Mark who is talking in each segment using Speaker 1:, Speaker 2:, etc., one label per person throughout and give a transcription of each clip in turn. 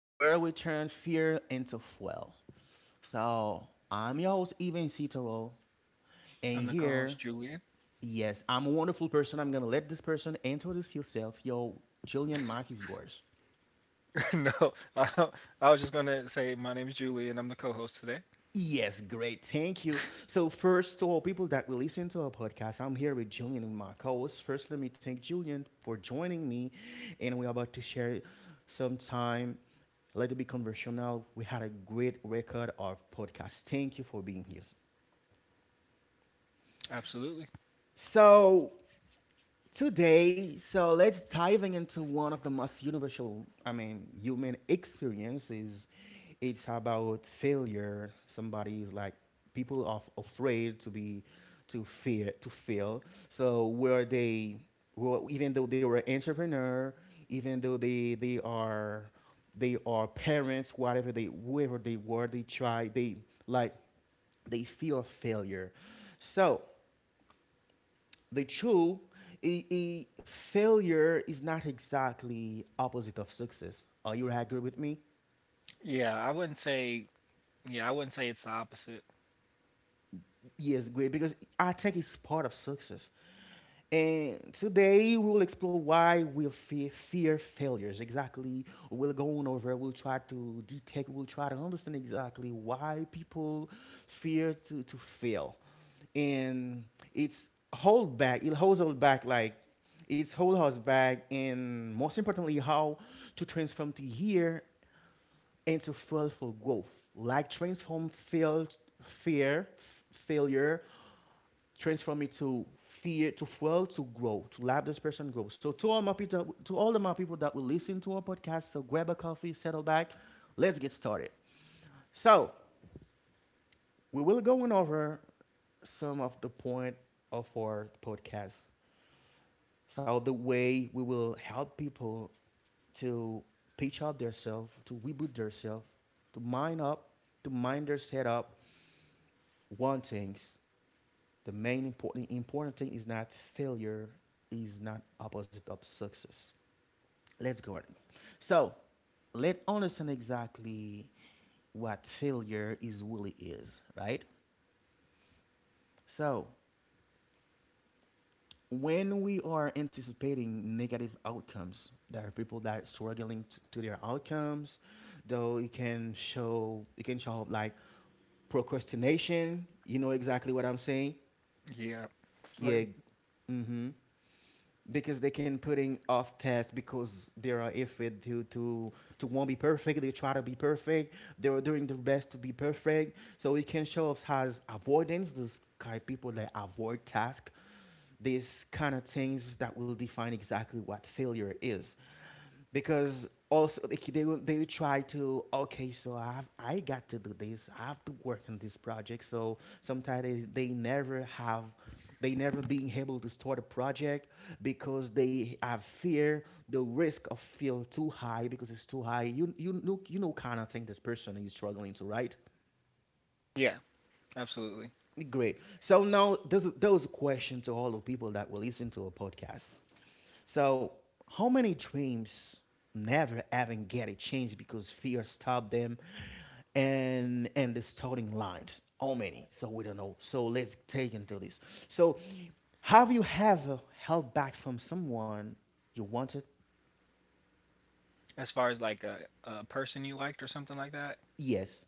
Speaker 1: where we turn fear into fuel. So, I'm your host, Even Citaro,
Speaker 2: I'm
Speaker 1: and
Speaker 2: the co-host
Speaker 1: here,
Speaker 2: Julian.
Speaker 1: yes, I'm a wonderful person. I'm gonna let this person enter this field. Self, Yo, Julian Mark is yours.
Speaker 2: No, I, I was just gonna say my name is Julian. I'm the co-host today.
Speaker 1: Yes, great. Thank you. So, first, to all people that will listen to our podcast, I'm here with Julian and my co host. First, let me thank Julian for joining me, and we're about to share some time. Let it be conversational. We had a great record of podcast. Thank you for being here.
Speaker 2: Absolutely.
Speaker 1: So today, let's diving into one of the most universal, I mean, human experiences. It's about failure. Somebody is like people are afraid to be to fear to fail. So where they well, even though they were entrepreneur, even though they are they are parents, whatever they whoever they were, they try they like they fear failure. So the true a failure is not exactly opposite of success, are you agree with me?
Speaker 2: Yeah, I wouldn't say. Yeah, I wouldn't say it's the opposite.
Speaker 1: Yes, great, because I think it's part of success. And today we will explore why we fear failures exactly. We'll go on over, we'll try to detect, we'll try to understand exactly why people fear to fail, and it's hold back. It holds us back, like it's hold us back, and most importantly, how to transform to here and to fail for growth. Like transform failed fear failure, transform it to fear to fail to grow to let this person grow. So to all my people, to all of my people that will listen to our podcast, so grab a coffee, settle back, let's get started. So we will going over some of the point of our podcast. So the way we will help people to pitch up themselves, to reboot themselves, to mind up, to mind their setup. One thing, the main important thing is not failure, is not opposite of success. Let's go on. So let's understand exactly what failure is really is, right? So when we are anticipating negative outcomes, there are people that are struggling to their outcomes. Though it can show up like procrastination. You know exactly what I'm saying?
Speaker 2: Yeah,
Speaker 1: Yeah.
Speaker 2: like
Speaker 1: Mm-hmm, because they can putting off tests because they are afraid to won't be perfect. They try to be perfect. They are doing their best to be perfect. So it can show up as avoidance. Those kind of people that avoid tasks. These kind of things that will define exactly what failure is, because also they will try to, okay, so I got to do this, I have to work on this project. So sometimes they never have, they never being able to start a project because they have fear, the risk of feel too high, because it's too high. You know, kind of thing, this person is struggling to, right?
Speaker 2: yeah, absolutely.
Speaker 1: Great. So now there's there's a question to all the people that will listen to a podcast. So, how many dreams never having get a chance because fear stopped them and the starting lines? How many? So we don't know. So let's take into this. So, have you ever held back from someone you wanted?
Speaker 2: As far as like a person you liked or something like that.
Speaker 1: Yes.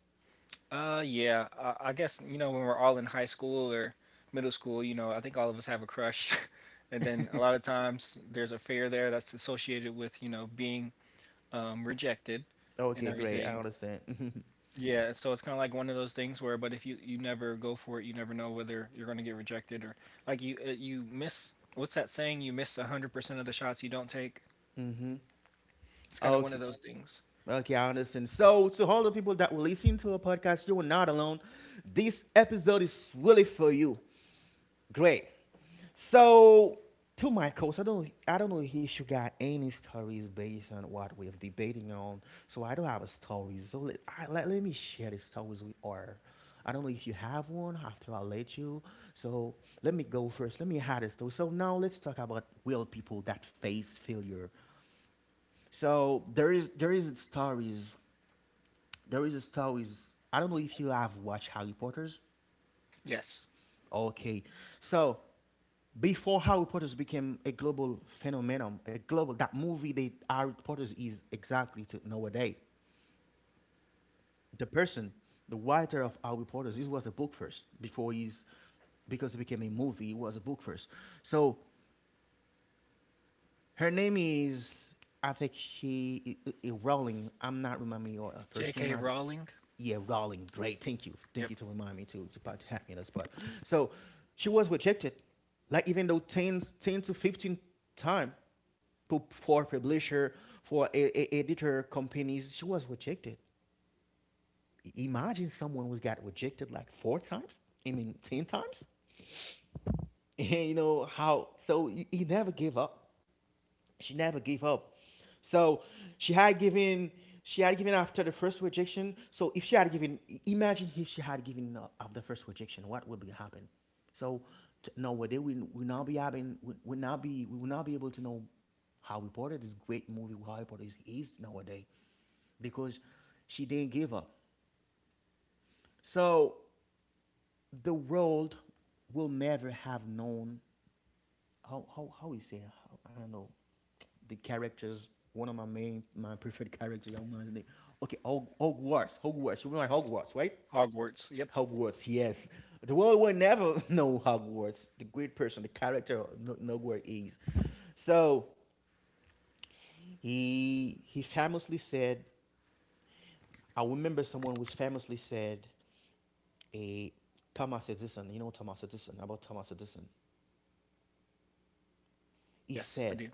Speaker 2: Yeah, I guess, you know, when we're all in high school or middle school, you know, I think all of us have a crush, and then a lot of times there's a fear there that's associated with, you know, being rejected and
Speaker 1: Okay, great. I
Speaker 2: everything.
Speaker 1: understand.
Speaker 2: Yeah, so it's kind of like one of those things where, but if you never go for it, you never know whether you're going to get rejected, or like you, you miss, what's that saying? You miss 100% of the shots you don't take.
Speaker 1: Mm-hmm.
Speaker 2: It's kind of one of
Speaker 1: Okay.
Speaker 2: those things.
Speaker 1: Okay, I understand. So, to all the people that were listening to our podcast, you are not alone. This episode is really for you. Great. So to my coach, I don't know if you got any stories based on what we're debating on. So I don't have a story. So let me share the stories with her. I don't know if you have one after I let you. So let me go first. Let me have a story. So now let's talk about real people that face failure. So there is stories, there is stories. I don't know if you have watched Harry Potter's.
Speaker 2: Yes.
Speaker 1: Okay. So before Harry Potter's became a global phenomenon, a global that movie that Harry Potter's is exactly to nowadays. The person, the writer of Harry Potter's, this was a book first before he's, because it became a movie, it was a book first. So her name is, I think she I- Rowling. I'm not remembering your first name.
Speaker 2: J.K. Rowling.
Speaker 1: Yeah, Rowling. Great, thank
Speaker 2: Yep.
Speaker 1: you to remind me too. It's about to happen in the spot. So, she was rejected, like even though 10 to 15 time, for publisher, for editor companies, she was rejected. Imagine someone who got rejected like four times. I mean, ten times. And you know how? So he never gave up she never gave up. So she had given she had given after the first rejection. So if she had given imagine if she had given up after the first rejection, what would be happen? So t- no, well, they will not be having, will not be, we will not be able to know Harry Potter, this great movie Harry Potter is nowadays, because she didn't give up. So the world will never have known how you say, how, I don't know the characters. One of my main my preferred characters. I don't know the name. Okay, Hogwarts. You know Hogwarts, right?
Speaker 2: Hogwarts. Yep.
Speaker 1: Hogwarts. Yes, the world will never know Hogwarts. The great person, the character, no, nowhere is. So he famously said. I remember someone was famously said a Thomas Edison. You know Thomas Edison, about Thomas Edison. He
Speaker 2: Yes, I
Speaker 1: said,
Speaker 2: do.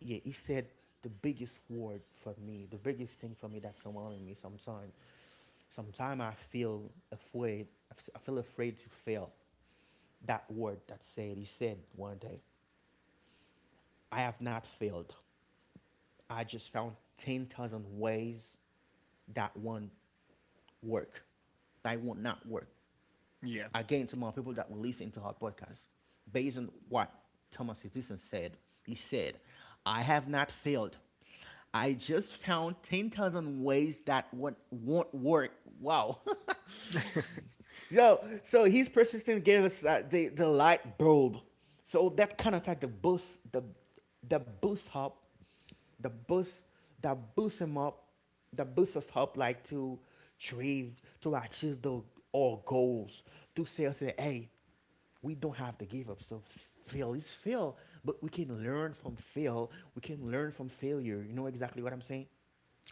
Speaker 1: yeah, he said the biggest word for me, the biggest thing for me that's surrounding me sometimes. Sometimes I feel afraid to fail. That word that said, he said one day, I have not failed. I just found 10,000 ways that won't work. That won't not work.
Speaker 2: Yeah.
Speaker 1: Again, some more people that will listen to our podcast based on what Thomas Edison said. He said, I have not failed. I just found 10,000 ways that won't work. Wow. Yo, so his persistence gave us the light bulb. So that kind of like the the boost up, the boost, that boosts him up, that boosts us up, like to dream, to achieve the our goals, to say, hey, we don't have to give up. So fail is fail, but we can learn from fail. We can learn from failure. You know exactly what I'm saying?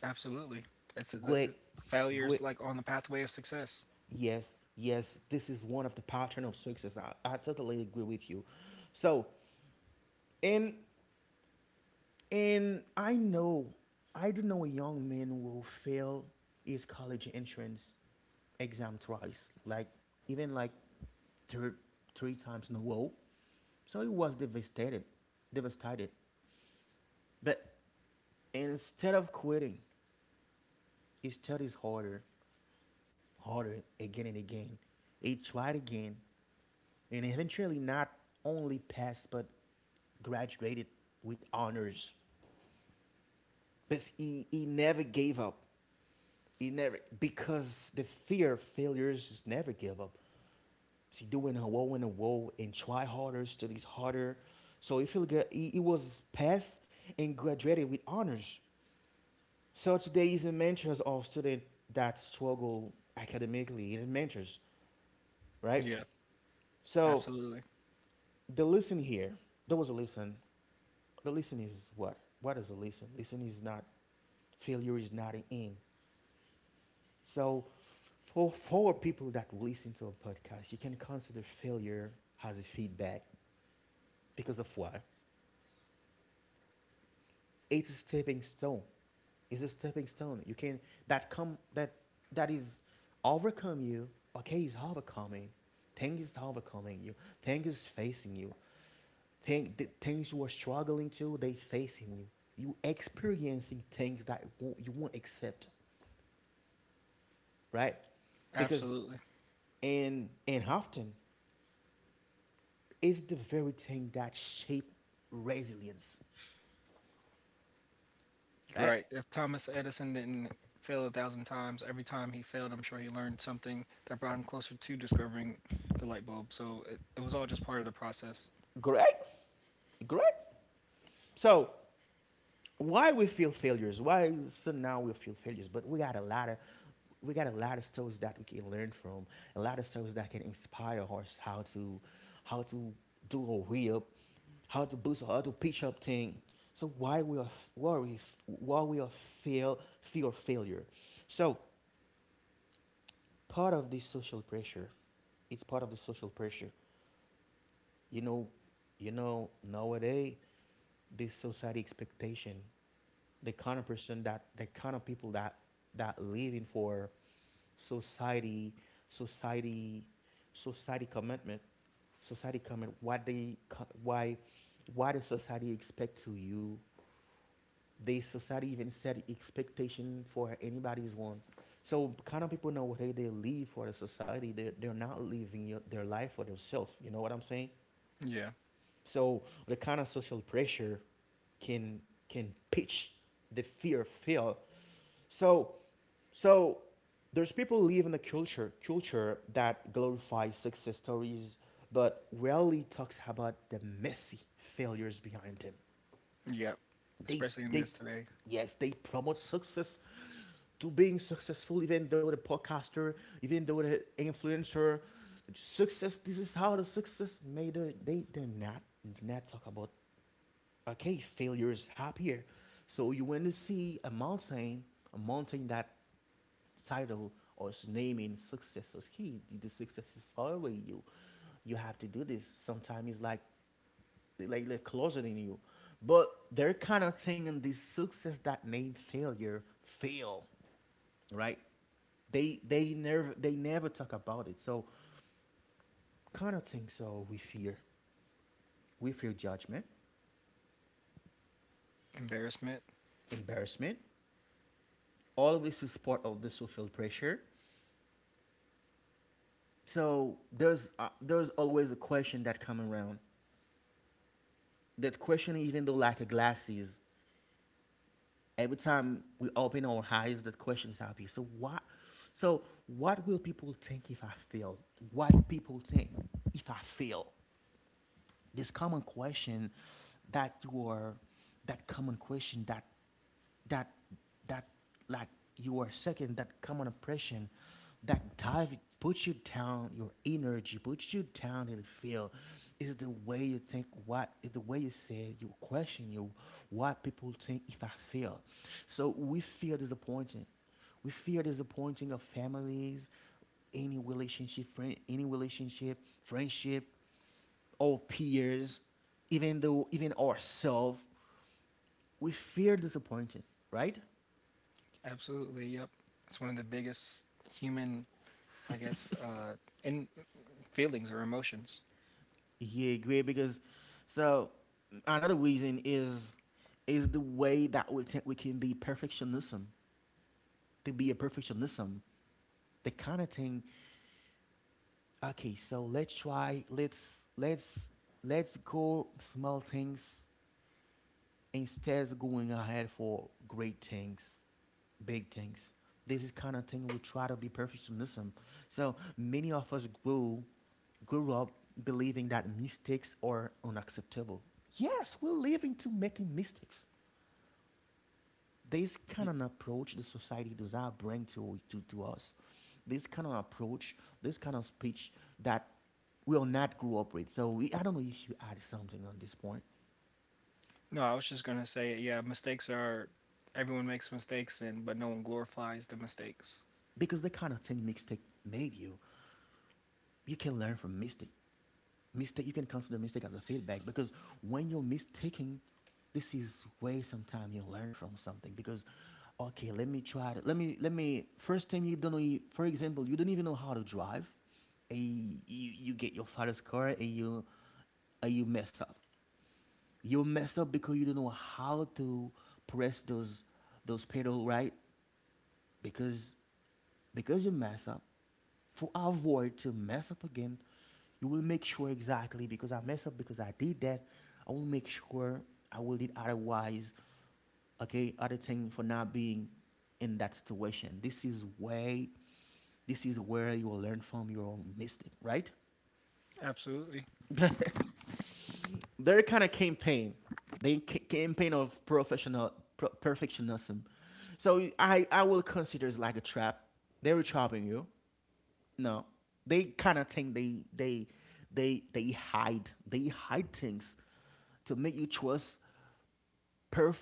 Speaker 2: Absolutely. It's uh, the
Speaker 1: Great,
Speaker 2: it, Failures
Speaker 1: Great.
Speaker 2: like on the pathway of success.
Speaker 1: Yes, yes, this is one of the pattern of success. I totally agree with you. So, and and I know, I do know a young man who will fail his college entrance exam twice, like even like three three times in a row. So he was devastated, devastated. But instead of quitting, he studies harder, harder again and again. He tried again and eventually not only passed but graduated with honors. But he never gave up. He never, because the fear of failures is never give up. See, doing a woe and try harder, studies harder. So if you look at, he was passed and graduated with honors. So today he's a mentor of students that struggle academically. He's a mentor, right?
Speaker 2: Yeah,
Speaker 1: So
Speaker 2: absolutely.
Speaker 1: the lesson here, there was a lesson. The lesson is what? What is a listen? Lesson is not, failure is not an end. So for people that listen to a podcast, you can consider failure as a feedback, because of what? It's a stepping stone. It's a stepping stone. You can that come that that is overcome you. Okay, is overcoming. Things is overcoming you. Things is facing you. Thing, the things you are struggling to, they facing you. You experiencing things that won't, you won't accept, right? Because
Speaker 2: Absolutely.
Speaker 1: in often it's the very thing that shape resilience, right?
Speaker 2: Right. If Thomas Edison didn't fail a thousand times, every time he failed, I'm sure he learned something that brought him closer to discovering the light bulb. It was all just part of the process.
Speaker 1: Correct, correct. So why we feel failures, why? So now we feel failures, but we got a lot of, we got a lot of stories that we can learn from, a lot of stories that can inspire us, how to do a way up, how to boost, how to pitch up thing. So why we why we are feel fear failure. So part of this social pressure, it's part of the social pressure. You know you know, nowadays, this society expectation, the kind of person that, the kind of people that that living for society, society, society commitment, society commitment. What they? Why? Why does society expect to you? They society even set expectation for anybody's one. So kind of people know, hey, they live for the society, they're not living their life for themselves. You know what I'm saying?
Speaker 2: Yeah.
Speaker 1: So the kind of social pressure can pitch the fear of fail. So, so there's people who live in the culture that glorifies success stories, but rarely talks about the messy failures behind them.
Speaker 2: Yep.
Speaker 1: They
Speaker 2: Especially in
Speaker 1: they
Speaker 2: this today.
Speaker 1: yes, they promote success, to being successful, even though the podcaster, even though the influencer, success. This is how the success made. It. They do not talk about, okay, failures happen here. So you want to see a mountain that title or is naming success is key. The success is following you. You have to do this. Sometimes it's like they're closeting you. But they're kind of taking this success that name failure fail, right? They never talk about it. So kind of think so. We fear judgment,
Speaker 2: Embarrassment.
Speaker 1: embarrassment, all of this is part of the social pressure. So there's always a question that come around, that question even though like a glasses. Every time we open our eyes that questions appear. So what, so what will people think if I fail? What people think if I fail? This common question that you are, that common question that that that like you are second, that common oppression that dive puts you down, your energy puts you down in the field, is the way you think, what is the way you say you question you, what people think if I feel. So we fear disappointing, we fear disappointing our families, any relationship friend, any relationship, friendship, our peers, even though even ourselves, we fear disappointing, right?
Speaker 2: Absolutely. Yep. It's one of the biggest human, I guess, in feelings or emotions.
Speaker 1: Yeah, great. Because, so another reason is the way that we think we can be perfectionism, to be a perfectionism, the kind of thing. Okay, so let's try. Let's go small things instead of going ahead for great things, big things. This is kind of thing we try to be perfectionism. So many of us grew up believing that mistakes are unacceptable. Yes, we're living to making mistakes. This
Speaker 2: Y-
Speaker 1: kind of approach the society does not bring to us. This kind of approach, this kind of speech that we will not grow up with. So we, I don't know if you add something on this point,
Speaker 2: No, I was just gonna say, yeah, mistakes are, everyone makes mistakes, and but no one glorifies the mistakes.
Speaker 1: because the kind of thing mistake made you. You can learn from mistake. Mistake, you can consider mistake as a feedback, because when you're mistaking, this is way sometime you learn from something. Because okay, let me try to, let me first time you don't know, for example, you don't even know how to drive. And you get your father's car and you, and you mess up. You mess up because you don't know how to press those pedal right, because because you mess up, to avoid to mess up again, you will make sure exactly. Because I mess up, because I did that, I will make sure, I will did otherwise, okay, other thing, for not being in that situation. This is way, this is where you will learn from your own mistake, right?
Speaker 2: Absolutely.
Speaker 1: Their kind of campaign, they campaign of professional perfectionism. So I will consider it's like a trap. They were trapping you. No, they kind of think they hide they hide things to make you trust perf,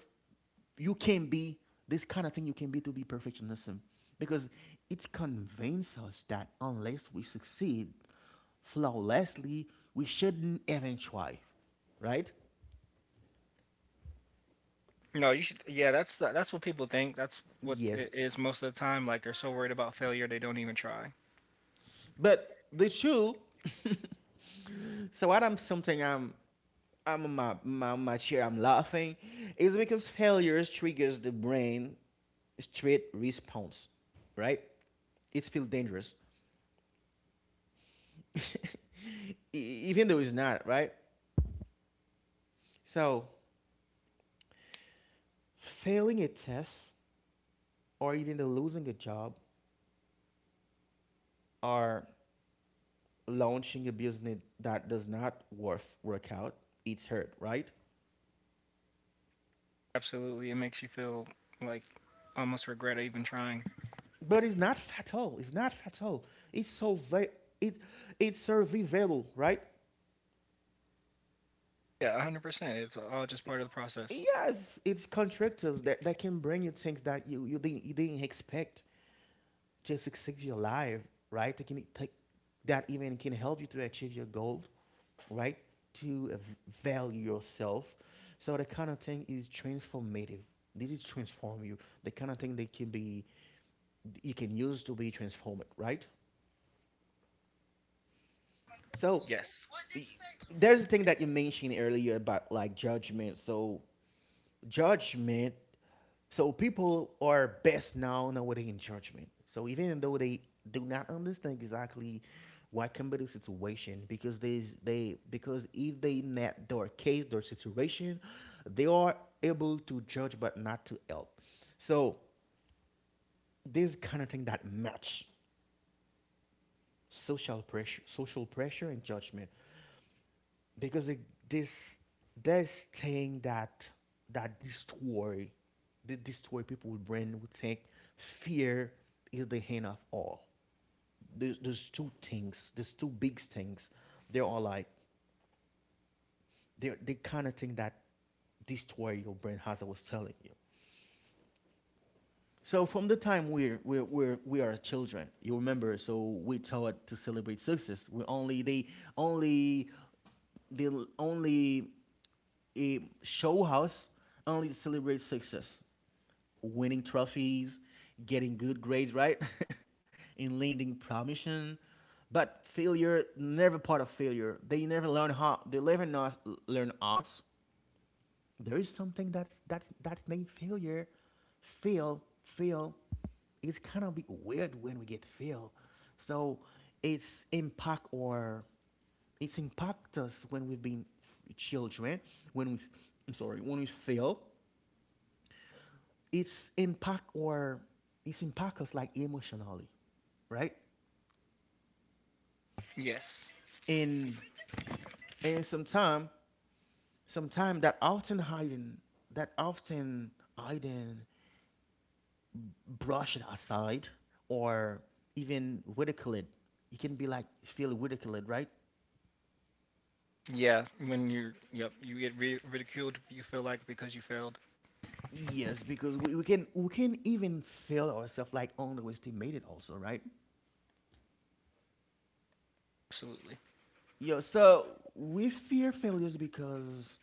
Speaker 1: you can be, this kind of thing you can be, to be perfectionism, because it convinces us that unless we succeed flawlessly, we shouldn't even try, right?
Speaker 2: No, you should. Yeah, that's that's what people think. That's what
Speaker 1: Yes,
Speaker 2: it is most of the time. Like they're so worried about failure, they don't even try.
Speaker 1: but the shoe. So what I'm something I'm on my chair. I'm laughing, is because failures triggers the brain straight response, right? It's feel dangerous, E- even though it's not, right. So failing a test, or even the losing a job, or launching a business that does not worth work out, it's hurt, right?
Speaker 2: Absolutely, it makes you feel like almost regret even trying.
Speaker 1: But it's not fatal. It's not fatal. It's so very, it, it's survivable, right?
Speaker 2: Yeah, 100%. It's all just part of the process.
Speaker 1: Yes, it's contractives that can bring you things that you, you didn't expect, to succeed your life, right? That can take, that even can help you to achieve your goal, right? To value yourself. So the kind of thing is transformative. This is transform you. The kind of thing that can be, you can use to be transformed, right? So
Speaker 2: Yes.
Speaker 1: y- there's a thing that you mentioned earlier about like judgment. So judgment. So people are best known nowadays in judgment. So even though they do not understand exactly what can be the situation, because there's they, because if they met their case, their situation, they are able to judge but not to help. So this kind of thing that match social pressure and judgment. Because it, this, they're, that, that this story, this story people will bring would think, fear is the end of all. There's two things, there's two big things. They are like, they kind of thing that this story your brain has. I was telling you, so from the time we're we are children, you remember. So we taught to celebrate success. We only, only they only show us only to celebrate success, winning trophies, getting good grades, right, and lending promotion. But failure never part of failure. They never learn how, they never not learn us, there is something that's that's named failure, fail. It's kind of be weird when we get fail. So it's impact or it's impact us when we've been f- children, when we, I'm sorry, when we fail, it's impact or it's impact us like emotionally, right?
Speaker 2: Yes.
Speaker 1: and and sometime, that often hiding, that often hiding, brush it aside, or even ridicule it. You can be like feel ridiculed, right?
Speaker 2: Yeah, when you get ridiculed. You feel like because you failed.
Speaker 1: Yes, because we can, we can even feel ourselves like underestimated also, right?
Speaker 2: Absolutely.
Speaker 1: Yo, so we fear failures because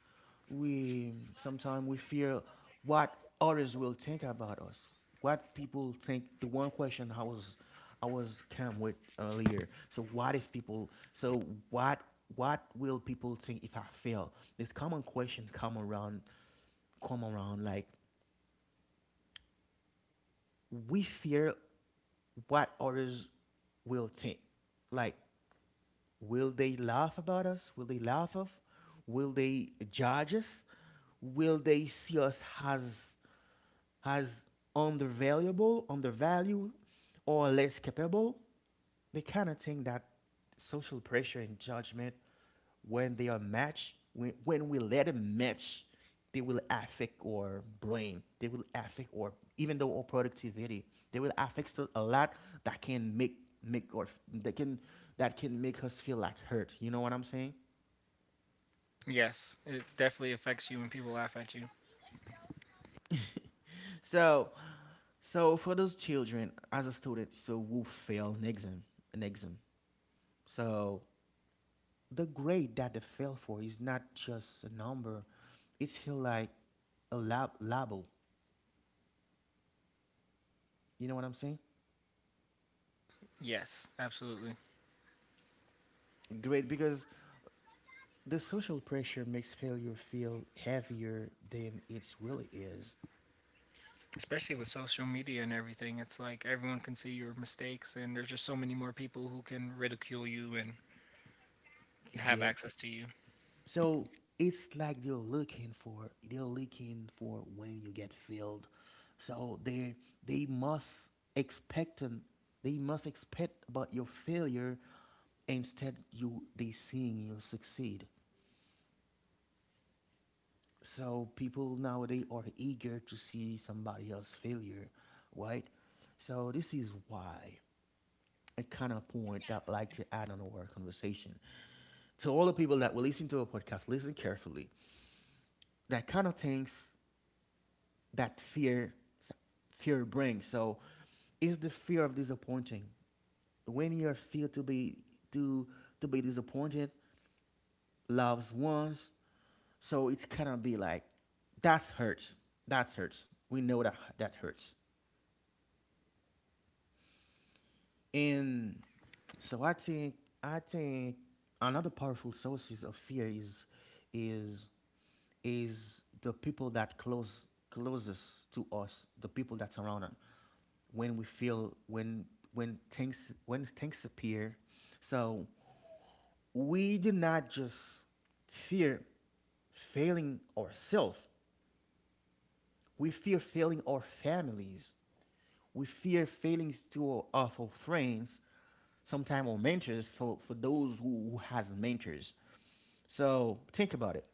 Speaker 1: we sometimes we fear what others will think about us, what people think. The one question I was came with earlier. So what if people? So what will people think if I fail? This common question come around, come around. Like we fear what others will think. Like, will they laugh about us? Will they laugh of? Will they judge us? Will they see us as undervaluable, undervalued, or less capable? They cannot think that social pressure and judgment when they are matched, when we let them match, they will affect our brain. They will affect our even though our productivity. They will affect a lot that can make, make or that can, that can make us feel like hurt. You know what I'm saying?
Speaker 2: Yes, it definitely affects you when people laugh at you.
Speaker 1: So, so for those children as a student, so who fail an exam, an exam. So the grade that they fail for is not just a number. It's feel like a label. You know what I'm saying?
Speaker 2: Yes, absolutely.
Speaker 1: Grade because the social pressure makes failure feel heavier than it really is.
Speaker 2: Especially with social media and everything, it's like everyone can see your mistakes, and there's just so many more people who can ridicule you and have
Speaker 1: Yeah.
Speaker 2: access to you.
Speaker 1: So it's like they're looking for when you get failed. So they must expect an, they must expect about your failure instead you they seeing you succeed. So people nowadays are eager to see somebody else failure, right? So this is why, a kind of point that I'd like to add on our conversation. To all the people that will listen to our podcast, listen carefully. That kind of things that fear brings. So is the fear of disappointing. When you feel to be, to to be disappointed, loves ones, so it's kind of be like, that's hurts. That's hurts. We know that that hurts. And so I think another powerful sources of fear is, is is the people that close, closest to us, the people that surround us. When we feel when, when things appear, so we do not just fear failing ourselves. We fear failing our families. We fear failing to our friends, sometimes our mentors, for those who has mentors. So think about it.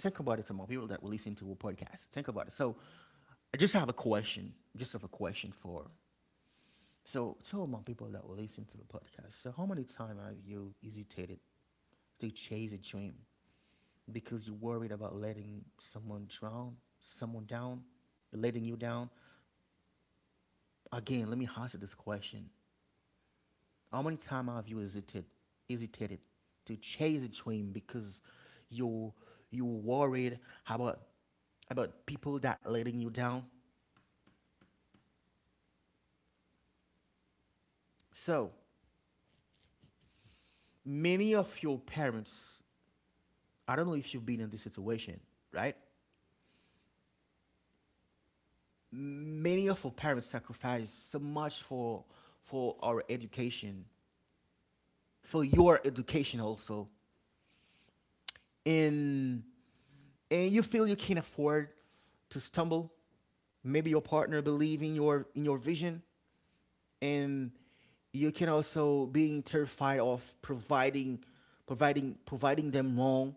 Speaker 1: Think about it, some more people that will listen to our podcast. Think about it. So I just have a question. Just have a question for, so tell my people that will listen to the podcast. So how many times have you hesitated to chase a dream because you're worried about letting someone drown, someone down, letting you down? Again, let me hazard this question. How many times have you hesitated to chase a dream because you you worried about about people that letting you down? So many of your parents, I don't know if you've been in this situation, right? Many of our parents sacrifice so much for our education, for your education also. And and you feel you can't afford to stumble, maybe your partner believes in your vision, and you can also being terrified of providing, providing them wrong.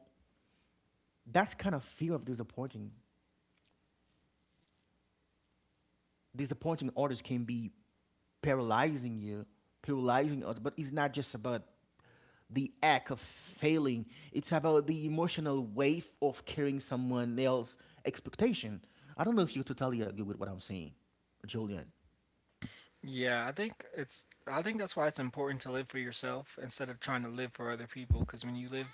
Speaker 1: That's kind of fear of disappointing, disappointing others can be paralyzing you, paralyzing us. But it's not just about the act of failing; it's about the emotional weight of carrying someone else's expectation. I don't know if you totally agree with what I'm saying, Julian.
Speaker 2: Yeah, I think that's why it's important to live for yourself instead of trying to live for other people. Because when you live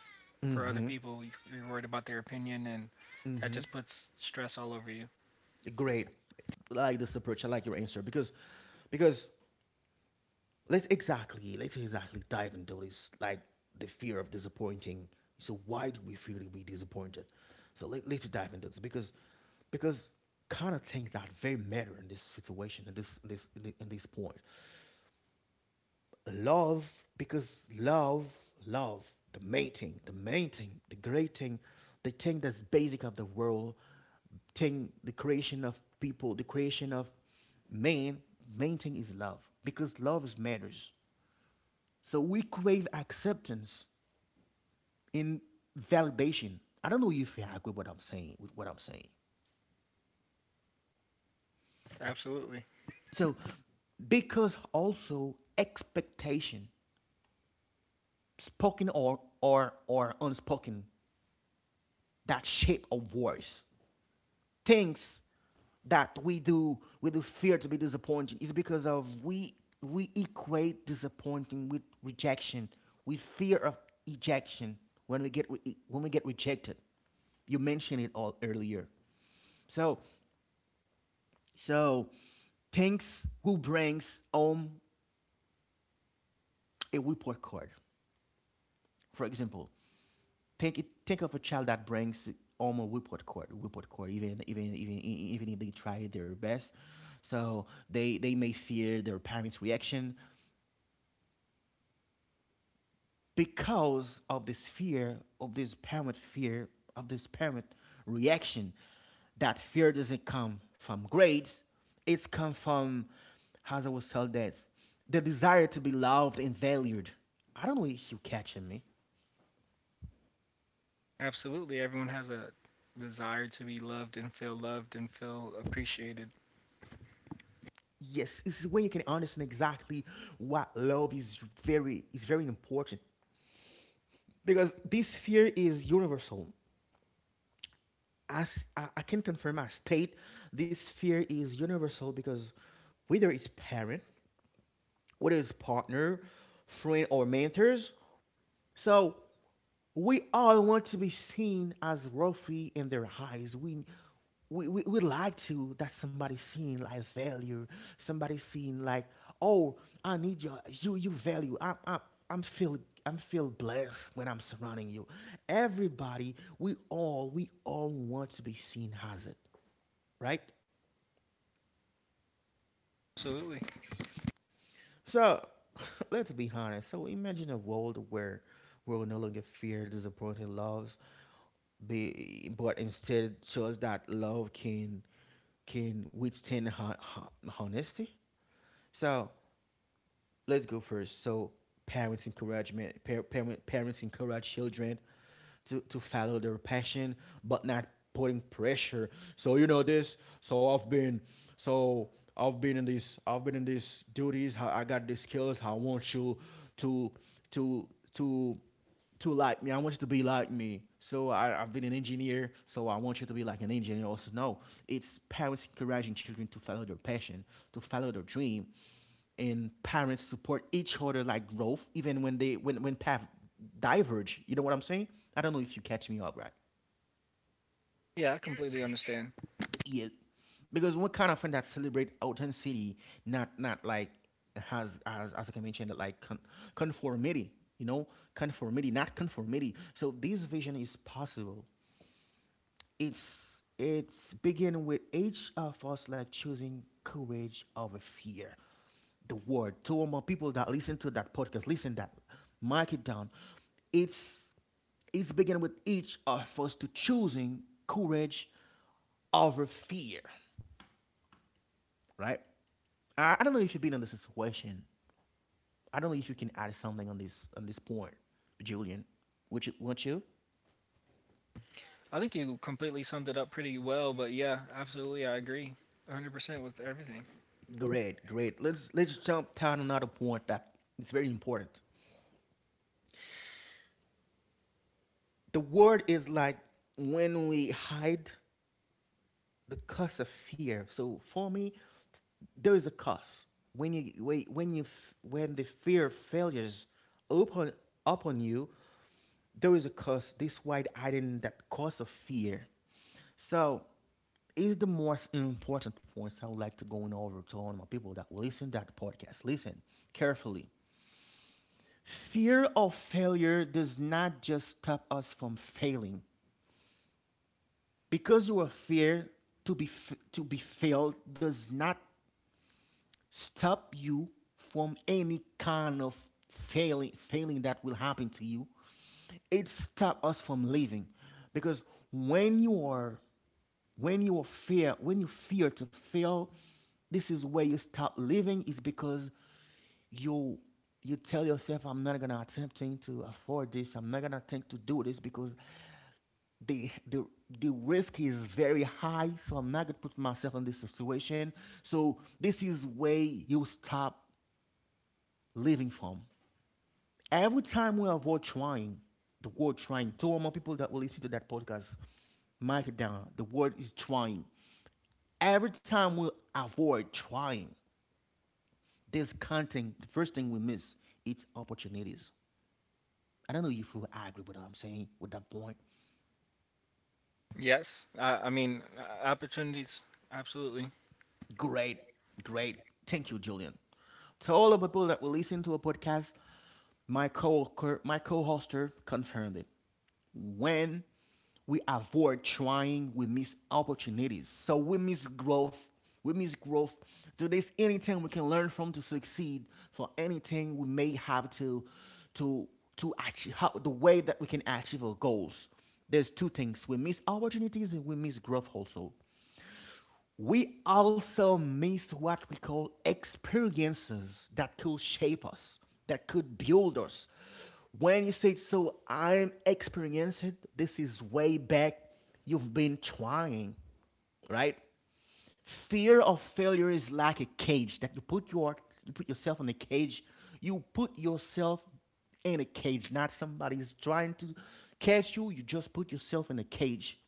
Speaker 2: for other
Speaker 1: Mm-hmm.
Speaker 2: people, you're worried about their opinion, and that
Speaker 1: Mm-hmm.
Speaker 2: just puts stress all over you.
Speaker 1: Great. Like this approach. I like your answer because let's exactly dive into this, like the fear of disappointing. So why do we feel we disappointed? So let's dive into this, because kind of things that very matter in this situation, in this point. Love, because love, love, the main thing, the great thing, the thing that's basic of the world, thing, the creation of people, the creation of man, main thing is love, because love is matters. So we crave acceptance in validation. I don't know if you agree with what I'm saying,
Speaker 2: Absolutely,
Speaker 1: So because also expectation, spoken or or unspoken, that shape of voice. Things that we do fear to be disappointing is because of we equate disappointing with rejection. We fear of ejection. When we get rejected, you mentioned it all earlier. So so things who brings home a report card, for example. Think of a child that brings home a report card, Even if they try their best, so they may fear their parents' reaction, because of this fear of this parent reaction. That fear doesn't come from grades; it's come from, as I was told, that's the desire to be loved and valued. I don't know if you catching me.
Speaker 2: absolutely. Everyone has a desire to be loved and feel appreciated.
Speaker 1: Yes, this is when you can understand exactly what love is, very important, because this fear is universal. As I can confirm, I state this fear is universal, because whether it's parent, whether it's partner, friend, or mentors, so we all want to be seen as worthy in their eyes. We like to that somebody seen like value, somebody seen like, oh, I need your you you value. I'm feel I'm feel blessed when I'm surrounding you. Everybody, we all want to be seen as it, right?
Speaker 2: Absolutely.
Speaker 1: So let's be honest. So imagine a world where we're no longer fear, disappointed, loves, be, but instead shows that love can withstand honesty. So let's go first. So parents encouragement, parents encourage children to follow their passion, but not putting pressure. So you know this. So I've been in these duties, I got these skills, I want you to to to to like me. I want you to be like me. So I've been an engineer, so I want you to be like an engineer also. No, it's parents encouraging children to follow their passion, to follow their dream, and parents support each other like growth, even when they when paths diverge. You know what I'm saying? I don't know if you catch me up right.
Speaker 2: Yeah, I completely understand.
Speaker 1: Yeah, because what kind of friend that celebrate authenticity, not like, has as like I mentioned, like conformity. You know, conformity, not conformity. So this vision is possible. It's begin with each of us like choosing courage over fear. The word to all my people that listen to that podcast, listen that, mark it down. It's it's begin with each of us to choosing courage over fear, right? I don't know if you've been in this situation. I don't know if you can add something on this, point, Julian. Would you? Would you?
Speaker 2: I think you completely summed it up pretty well, but yeah, absolutely, I agree, 100% with everything.
Speaker 1: Great, great. Let's jump down another point that it's very important. The word is like, when we hide the cause of fear. So for me, there is a cause. When you when the fear of failures open up on you, there is a cause. This wide hiding that cause of fear. So is the most important points I would like to go on over to all my people that will listen to that podcast. Listen carefully. Fear of failure does not just stop us from failing, because your fear to be failed does not stop you from any kind of failing, that will happen to you. It stops us from living, because when you are, when you are fear when you fear to fail, this is where you stop living. Is because you you tell yourself, I'm not gonna attempting to afford this, I'm not gonna attempt to do this because the the the risk is very high, so I'm not going to put myself in this situation. So this is where you stop living from. Every time we avoid trying, the word trying, two or more people that will listen to that podcast, mark it down, the word is trying. Every time we avoid trying this content, the first thing we miss, it's opportunities. I don't know if you agree with what I'm saying, with that point.
Speaker 2: Yes, I mean, opportunities, absolutely.
Speaker 1: Great, great. Thank you, Julian. To all the people that will listen to a podcast, my co my co-hoster confirmed it. When we avoid trying, we miss opportunities. So we miss growth. We miss growth. So there's anything we can learn from to succeed. For anything we may have to to achieve how, the way that we can achieve our goals. There's two things: we miss opportunities and we miss growth. Also we also miss what we call experiences that could shape us, that could build us. When you say, so I'm experienced, this is way back, you've been trying, right? Fear of failure is like a cage that you put your, you put yourself in a cage. You put yourself in a cage, not somebody's trying to catch you. You just put yourself in a cage.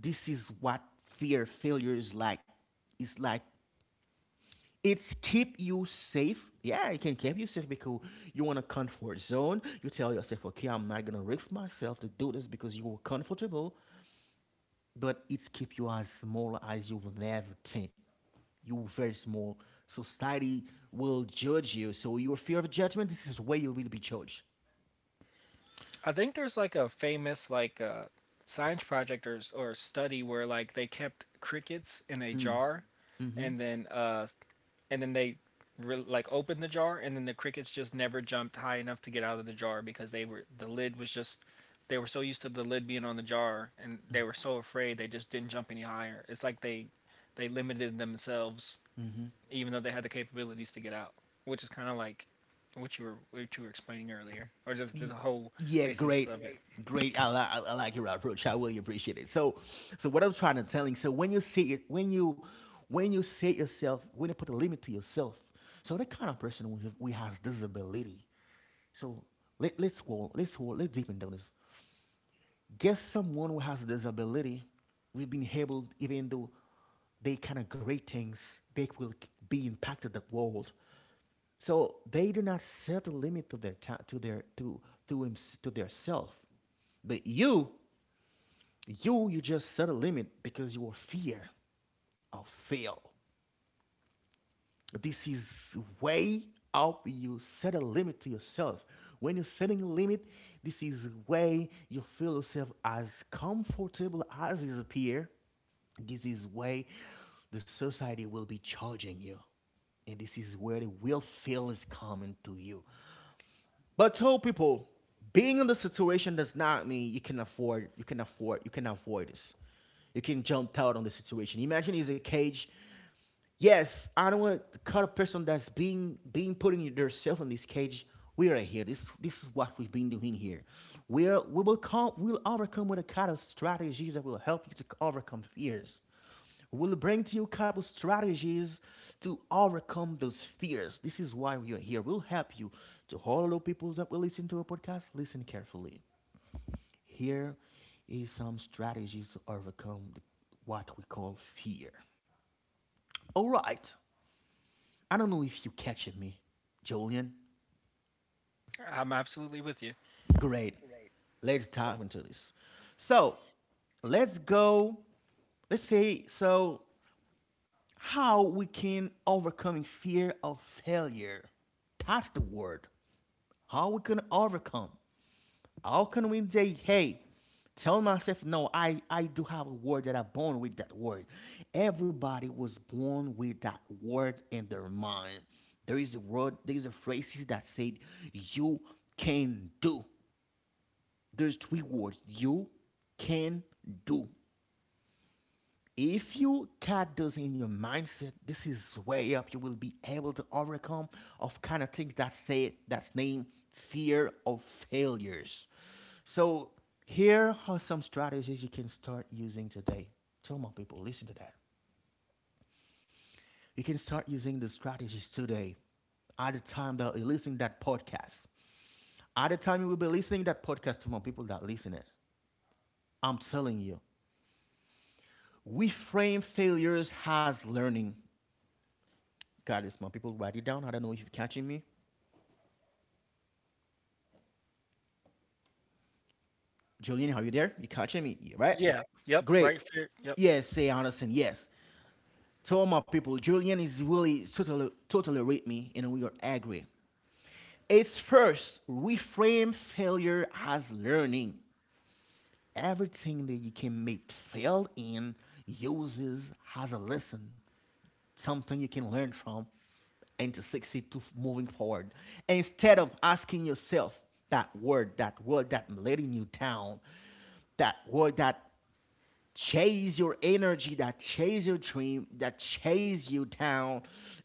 Speaker 1: This is what fear failure is like. It's like it's keep you safe. Yeah, it can keep you safe because you're in a comfort zone. You tell yourself, okay, I'm not gonna risk myself to do this because you were comfortable. But it's keep you as small as you will never think. You were very small. Society will judge you. So your fear of judgment, this is where you will be judged.
Speaker 2: I think there's like a famous like, science project or or study where like they kept crickets in a
Speaker 1: Mm.
Speaker 2: jar
Speaker 1: Hmm.
Speaker 2: and then, and then they like opened the jar, and then the crickets just never jumped high enough to get out of the jar because the lid was just, they were so used to the lid being on the jar, and they were so afraid they just didn't jump any higher. It's like they limited themselves
Speaker 1: Hmm.
Speaker 2: even though they had the capabilities to get out, which is kind of like what you were explaining earlier, or just the whole
Speaker 1: Yeah,
Speaker 2: basis,
Speaker 1: great,
Speaker 2: yeah, of it.
Speaker 1: great. I like your approach. I really appreciate it. So, so what I'm trying to telling. So when you say it, when you say yourself, when you put a limit to yourself, so the kind of person we have, we has disability. So let's deepen down this. Guess someone who has a disability, we've been able, even though they kind of great things, they will be impacted the world. So they do not set a limit to their time, to their to him, to their self. But you, you just set a limit because your fear of fail. This is way up. You set a limit to yourself. When you're setting a limit, this is way you feel yourself as comfortable as is appear. This is way the society will be charging you, and this is where the will fail is coming to you. But tell people, being in the situation does not mean you can afford, you can avoid this. You can jump out on the situation. Imagine it's a cage. Yes, I don't want to cut a person that's being putting themselves in this cage. We are here. This is what we've been doing here. We are, we will come we'll overcome with a kind of strategies that will help you to overcome fears. We'll bring to you a couple strategies to overcome those fears. This is why we are here. We'll help you to all the people that will listen to our podcast. Listen carefully. Here is some strategies to overcome the, what we call, fear. All right. I don't know if you catching me, Julian.
Speaker 2: I'm absolutely with you.
Speaker 1: Great. Let's dive into this. So let's go. Let's say, so how we can overcoming fear of failure. That's the word. How we can overcome. How can we say, hey, tell myself, no, I do have a word that I'm born with that word. Everybody was born with that word in their mind. There is a word, there is a phrases that said, you can do. There's three words, you can do. If you got those in your mindset, this is way up. You will be able to overcome of kind of things that say that's named fear of failures. So here are some strategies you can start using today. Tell my people, listen to that. You can start using the strategies today, at the time that you're listening that podcast. At the time you will be listening that podcast to my people that listen it. I'm telling you, we frame failures as learning. Got this, man. People, write it down. I don't know if you're catching me. Julian, are you there? You catching me? Yeah, right?
Speaker 2: Yeah. Yep.
Speaker 1: Great.
Speaker 2: Right. Fair. Yep.
Speaker 1: Yes, say Anderson. Yes. To all my people, Julian is really totally with me, and we are agree. It's first reframe failure as learning. Everything that you can make fail in uses as a lesson, something you can learn from and to succeed to moving forward. Instead of asking yourself that word, that word that letting you down, that would that chase your energy, that chase your dream, that chase you down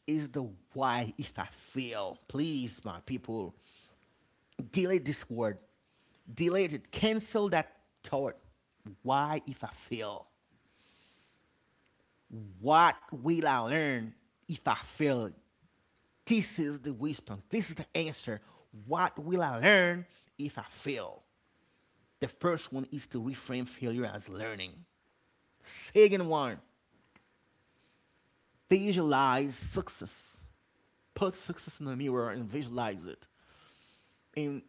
Speaker 1: is the why if I feel. Please, my people, delete this word. Delete it. Cancel that thought. Why if I fail? What will I learn if I fail? This is the response. This is the answer. What will I learn if I fail? The first one is to reframe failure as learning. Second one, they visualize success. Put success in the mirror and visualize it. And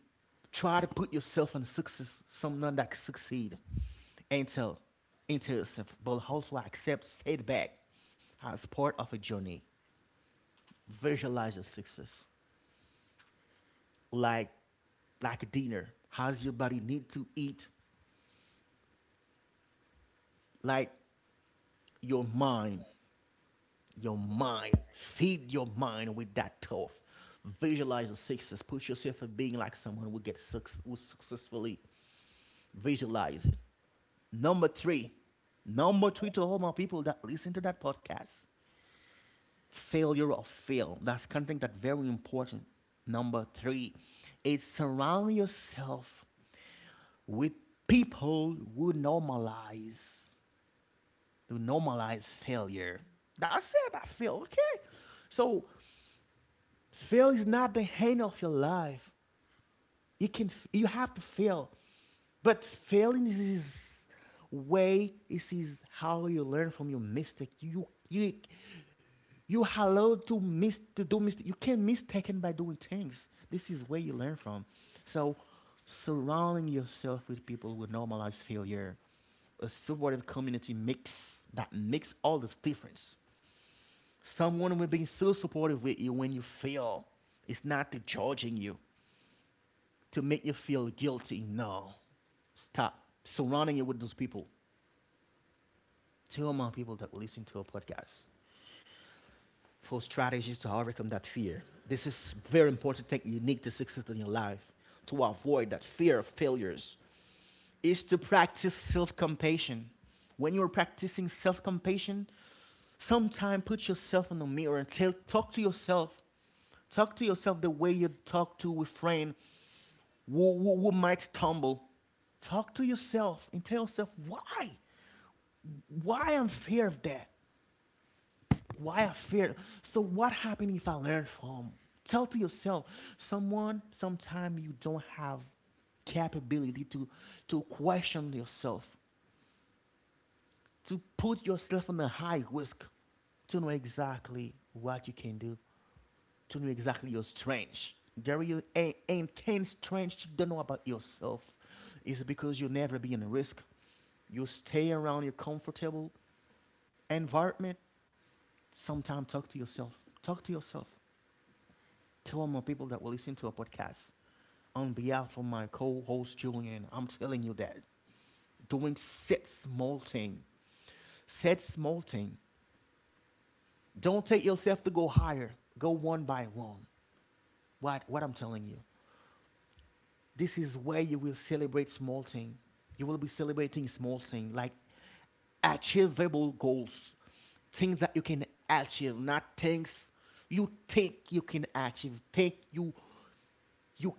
Speaker 1: try to put yourself in success, someone that can succeed. And tell, and tell yourself, but also accept setback as part of a journey. Visualize your success. Like like a dinner. How's your body need to eat? Like your mind. Your mind. Feed your mind with that stuff. Visualize the success. Put yourself in being like someone who gets success, who successfully visualize it. Number three, number three, to all my people that listen to that podcast, failure or fail. That's something that's very important. Number three is surround yourself with people who normalize, who normalize failure. That's it, I feel okay. So fail is not the end of your life. You can you have to fail. But failing is his way. This is his how you learn from your mistake. You allowed to miss to do mistake. You can mistaken by doing things. This is where you learn from. So surrounding yourself with people who normalize failure. A supportive community mix that makes all this difference. Someone will be so supportive with you when you fail. It's not to judging you to make you feel guilty. No, stop surrounding you with those people, two or more people that will listen to our podcast, four strategies to overcome that fear. This is very important thing unique to success in your life. To avoid that fear of failures is to practice self-compassion. When you're practicing self-compassion, sometime put yourself in the mirror and tell, talk to yourself. Talk to yourself the way you talk to a friend who might stumble. Talk to yourself and tell yourself why. Why I'm fear of that? Why I fear? So what happened if I learn from? Tell to yourself, someone, sometime you don't have capability to question yourself, to put yourself on a high risk, to know exactly what you can do, to know exactly your strength. There you ain't, you don't know about yourself. It's because you never be in a risk. You stay around your comfortable environment. Sometime talk to yourself. Talk to yourself. Tell more people that will listen to a podcast. On behalf of my co-host Julian, I'm telling you that doing said small thing, said small thing. Don't take yourself to go higher. Go one by one. What I'm telling you. This is where you will celebrate small thing. You will be celebrating small thing like achievable goals, things that you can achieve, not things you think you can achieve, think you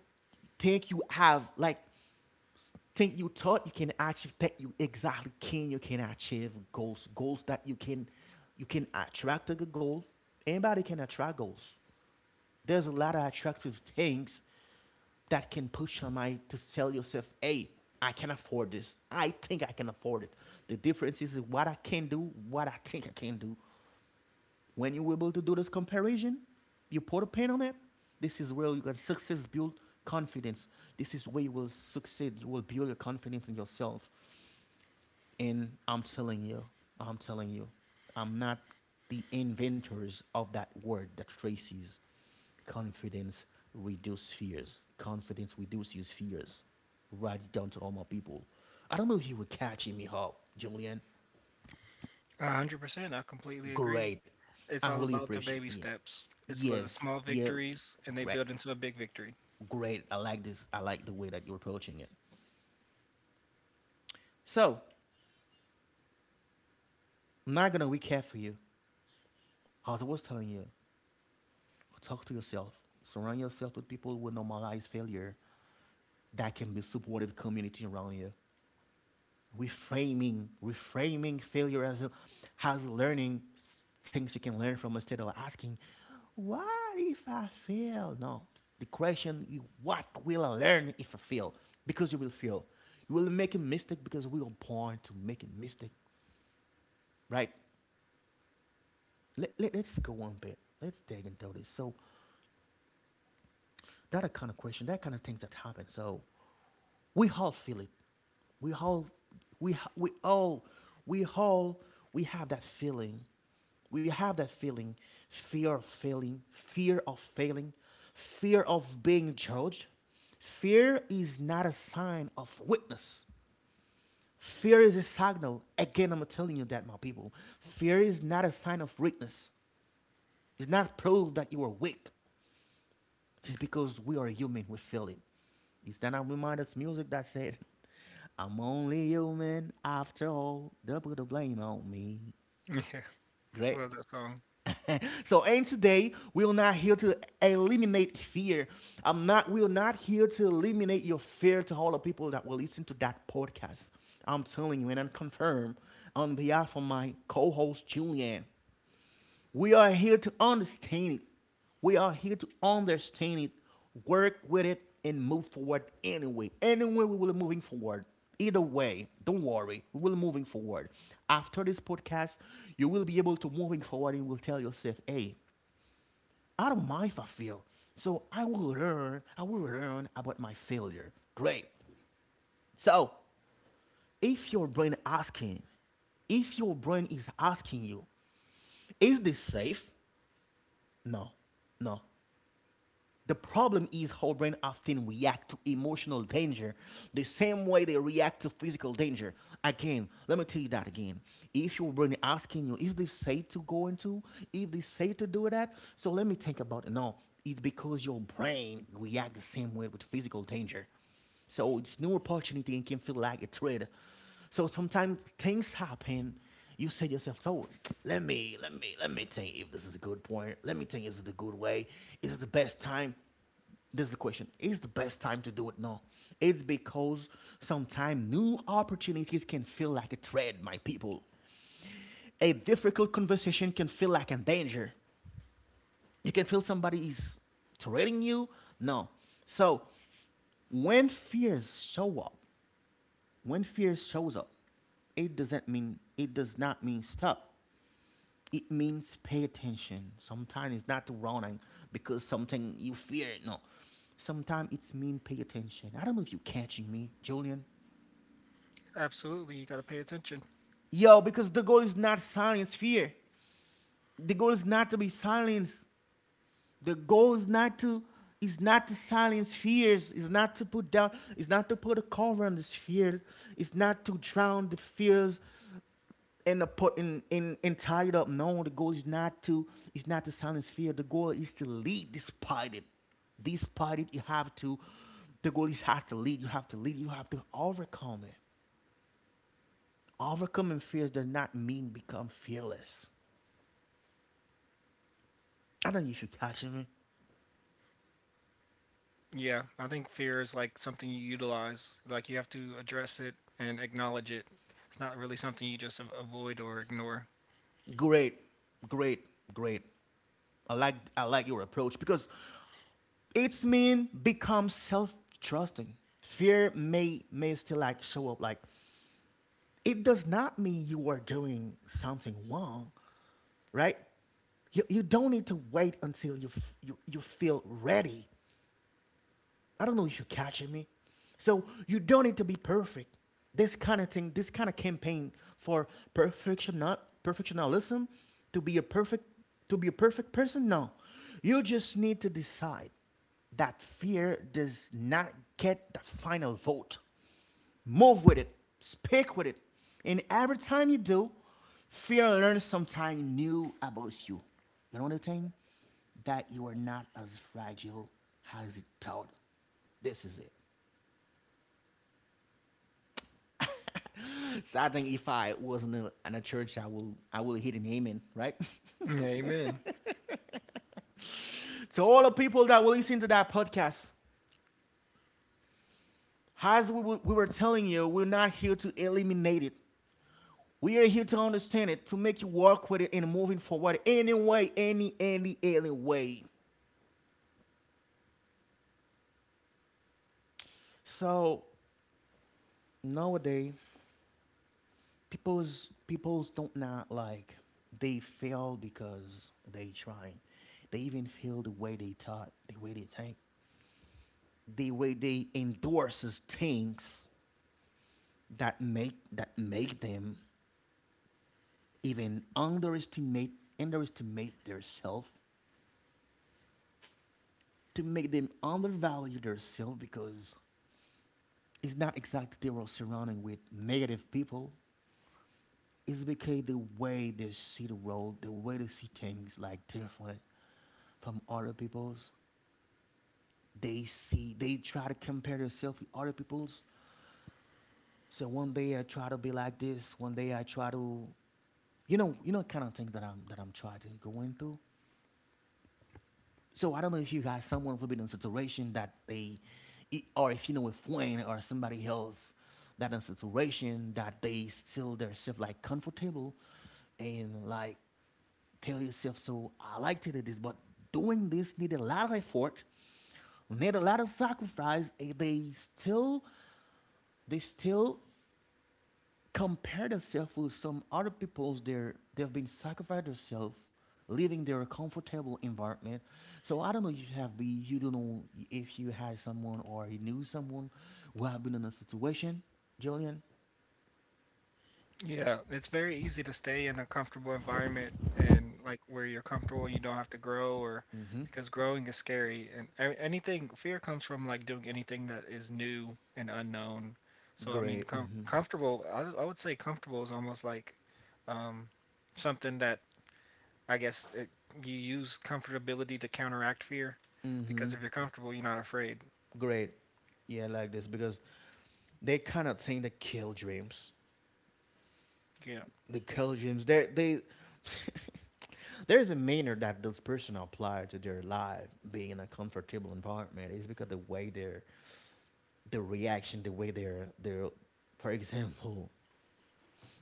Speaker 1: think you have. Like thing you thought you can achieve that you exactly can achieve goals, goals that you can attract a good goal. Anybody can attract goals. There's a lot of attractive things that can push your mind to sell yourself, hey, I can afford this, I think I can afford it. The difference is what I can do, what I think I can do. When you able to do this comparison, you put a pen on it. This is where you can success build confidence. This is where you will succeed. You will build your confidence in yourself. And I'm telling you, I'm telling you, I'm not the inventors of that word that traces confidence reduces fears. Confidence reduces fears. Write it down to all my people. I don't know if you were catching me, how Julian.
Speaker 2: 100%. I completely agree.
Speaker 1: Great.
Speaker 2: It's
Speaker 1: I
Speaker 2: all
Speaker 1: really
Speaker 2: about the
Speaker 1: appreciate
Speaker 2: baby
Speaker 1: you.
Speaker 2: steps. It's like the
Speaker 1: Yes.
Speaker 2: small
Speaker 1: Yeah.
Speaker 2: victories, and they
Speaker 1: Great.
Speaker 2: build into a big victory.
Speaker 1: Great. I like this. I like the way that you're approaching it. So, I'm not going to recap for you. As I was telling you, talk to yourself. Surround yourself with people who normalize failure that can be supportive community around you. Reframing failure as a, as learning, things you can learn from, instead of asking what if I fail. No, the question is what will I learn if I fail? Because you will fail. You will make a mistake, because we are born to make a mistake, right? Us go on a bit, let's dig into this. So that kind of question, that kind of things that happen. So we all feel it. We all, we, we all, we all, we have that feeling. We have that feeling, fear of failing, fear of failing, fear of being judged. Fear is not a sign of weakness. Fear is a signal. Again, I'm telling you that, my people. Fear is not a sign of weakness. It's not proof that you are weak. It's because we are human. We feel it. Is that not reminders music that said? I'm only human after all. Double the blame on me.
Speaker 2: Yeah, I
Speaker 1: Great.
Speaker 2: love that song.
Speaker 1: So and today we're not here to eliminate fear. I'm not we're not here to eliminate your fear to all the people that will listen to that podcast. I'm telling you, and I confirm on behalf of my co-host Julianne. We are here to understand it. We are here to understand it, work with it, and move forward anyway. Anyway, we will be moving forward. Either way, don't worry, we will be moving forward. After this podcast, you will be able to moving forward and will tell yourself, hey, I don't mind if I fail. So I will learn about my failure. Great. So if your brain asking, if your brain is asking you, is this safe? No, no, the problem is how brain often react to emotional danger the same way they react to physical danger. Again, let me tell you that again. If your brain asking you, is this safe to go into? Is this safe to do that? So let me think about it. No, it's because your brain react the same way with physical danger. So it's new opportunity and can feel like a threat. So sometimes things happen. You say to yourself, "So let me think if this is a good point. Let me think, is it the good way? Is it the best time?" This is the question: is the best time to do it? No, it's because sometimes new opportunities can feel like a threat, my people. A difficult conversation can feel like a danger. You can feel somebody is threatening you. No, so when fears show up, when fear shows up, it does not mean stop. It means pay attention. Sometimes it's not running because something you fear. No, sometimes it's mean pay attention. I don't know if you catching me, Julian.
Speaker 2: Absolutely, you gotta pay attention.
Speaker 1: Yo, because the goal is not silence fear. The goal is not to be silenced. The goal is not to silence fears. Is not to put down. Is not to put a cover on this fear. It's not to drown the fears end up putting in tied up. No, the goal is not to silence fear. The goal is to lead despite it. Despite it, you have to. The goal is have to lead. You have to lead. You have to overcome it. Overcoming fears does not mean become fearless. I do know you should catch me.
Speaker 2: Yeah, I think fear is like something you utilize. Like you have to address it and acknowledge it. It's not really something you just avoid or ignore.
Speaker 1: Great, great, great. I like your approach because it's mean become self trusting. Fear may still like show up, like it does not mean you are doing something wrong, right? You don't need to wait until you feel ready. I don't know if you're catching me. So you don't need to be perfect. This kind of thing, this kind of campaign for perfection, not perfectionism, to be a perfect, to be a perfect person. No, you just need to decide that fear does not get the final vote. Move with it. Speak with it. And every time you do, fear and learn something new about you. You know the thing? That you are not as fragile as you thought. This is it. So I think if I wasn't in a church, I will hit an amen, right?
Speaker 2: Yeah, amen.
Speaker 1: So all the people that will listen to that podcast, as we were telling you, we're not here to eliminate it. We are here to understand it, to make you work with it and moving forward anyway, any way. So nowadays, people's don't not like they fail because they try. They even feel the way they taught, the way they think, the way they endorses things that make them even underestimate their self to make them undervalue their self because it's not exactly they were surrounding with negative people. It's because the way they see the world, the way they see things like different from other people's. They see, they try to compare themselves with other people's. So one day I try to be like this. One day I try to, kind of things that I'm trying to go into. So I don't know if you got someone who been in a situation that they, or if you know a friend or somebody else that in a situation that they still their self like comfortable and like tell yourself, so I like to do this, but doing this need a lot of effort, need a lot of sacrifice, and they still compare themselves with some other people's they've been sacrificed themselves living their comfortable environment. So I don't know if you have been, you don't know if you had someone or you knew someone who have been in a situation, Julian.
Speaker 2: Yeah, it's very easy to stay in a comfortable environment and like where you're comfortable, you don't have to grow or,
Speaker 1: Mm-hmm.
Speaker 2: because growing is scary, and anything, fear comes from like doing anything that is new and unknown. So I mean,
Speaker 1: Great. Mm-hmm.
Speaker 2: comfortable, I would say comfortable is almost like um something that I guess it, you use comfortability to counteract fear,
Speaker 1: Mm-hmm.
Speaker 2: because if you're comfortable, you're not afraid.
Speaker 1: Great. Yeah, like this because they cannot seem to kill dreams.
Speaker 2: Yeah.
Speaker 1: The Belgians, they there's a manner that those person apply to their life being in a comfortable environment is because the way their the reaction, the way they're for example,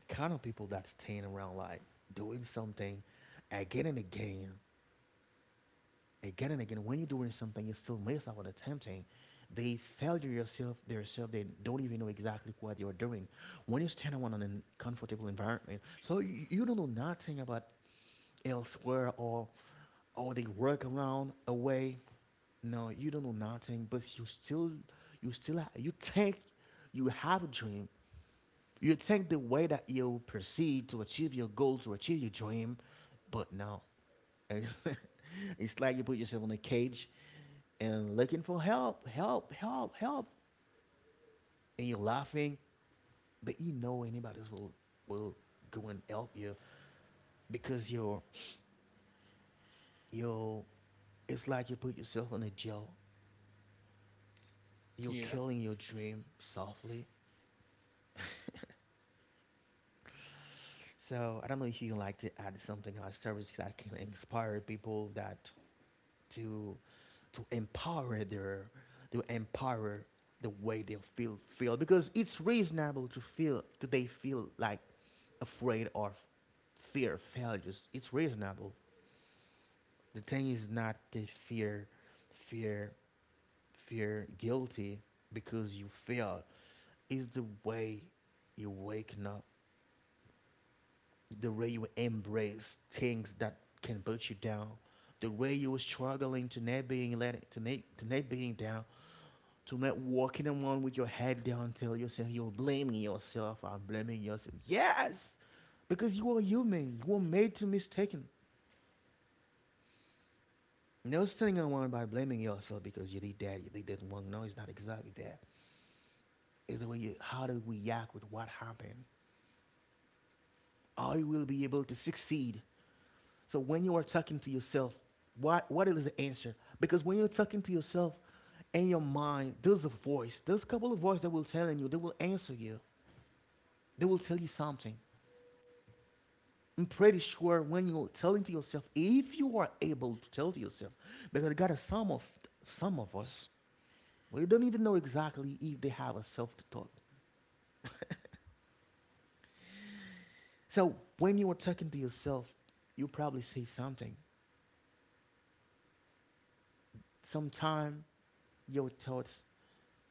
Speaker 1: kind of people that staying around like doing something again and again, again and again. When you're doing something, you still mess up on attempting. They failure yourself, yourself. They don't even know exactly what you're doing. When you stand around in a comfortable environment, so you don't know nothing about elsewhere or they work around away. No, you don't know nothing, but you still you think you have a dream. You think the way that you proceed to achieve your goal, to achieve your dream, but no. It's like you put yourself in a cage and looking for help, help, help, help. And you're laughing, but you know anybody else will go and help you because you're it's like you put yourself in a jail. You're
Speaker 2: Yeah.
Speaker 1: killing your dream softly. So I don't know if you like to add something on service that can inspire people that to to empower their to empower the way they feel because it's reasonable to feel do they feel like afraid or fear failures. It's reasonable. The thing is not the fear fear fear guilty because you fail. It's the way you waking up the way you embrace things that can put you down, the way you were struggling to not being let to not being down, to not walking around with your head down tell yourself you're blaming yourself, I'm blaming yourself. Yes, because you are human. You were made to mistaken. No sitting around by blaming yourself because you did that wrong. No, it's not exactly that. It's the way you how to react with what happened. How you will be able to succeed. So when you are talking to yourself, what is the answer? Because when you're talking to yourself in your mind, there's a voice, there's a couple of voices that will tell you, they will answer you, they will tell you something. I'm pretty sure when you're telling to yourself, if you are able to tell to yourself, because I got a some of us, we don't even know exactly if they have a self talk. So when you are talking to yourself, you probably say something. Sometime your thoughts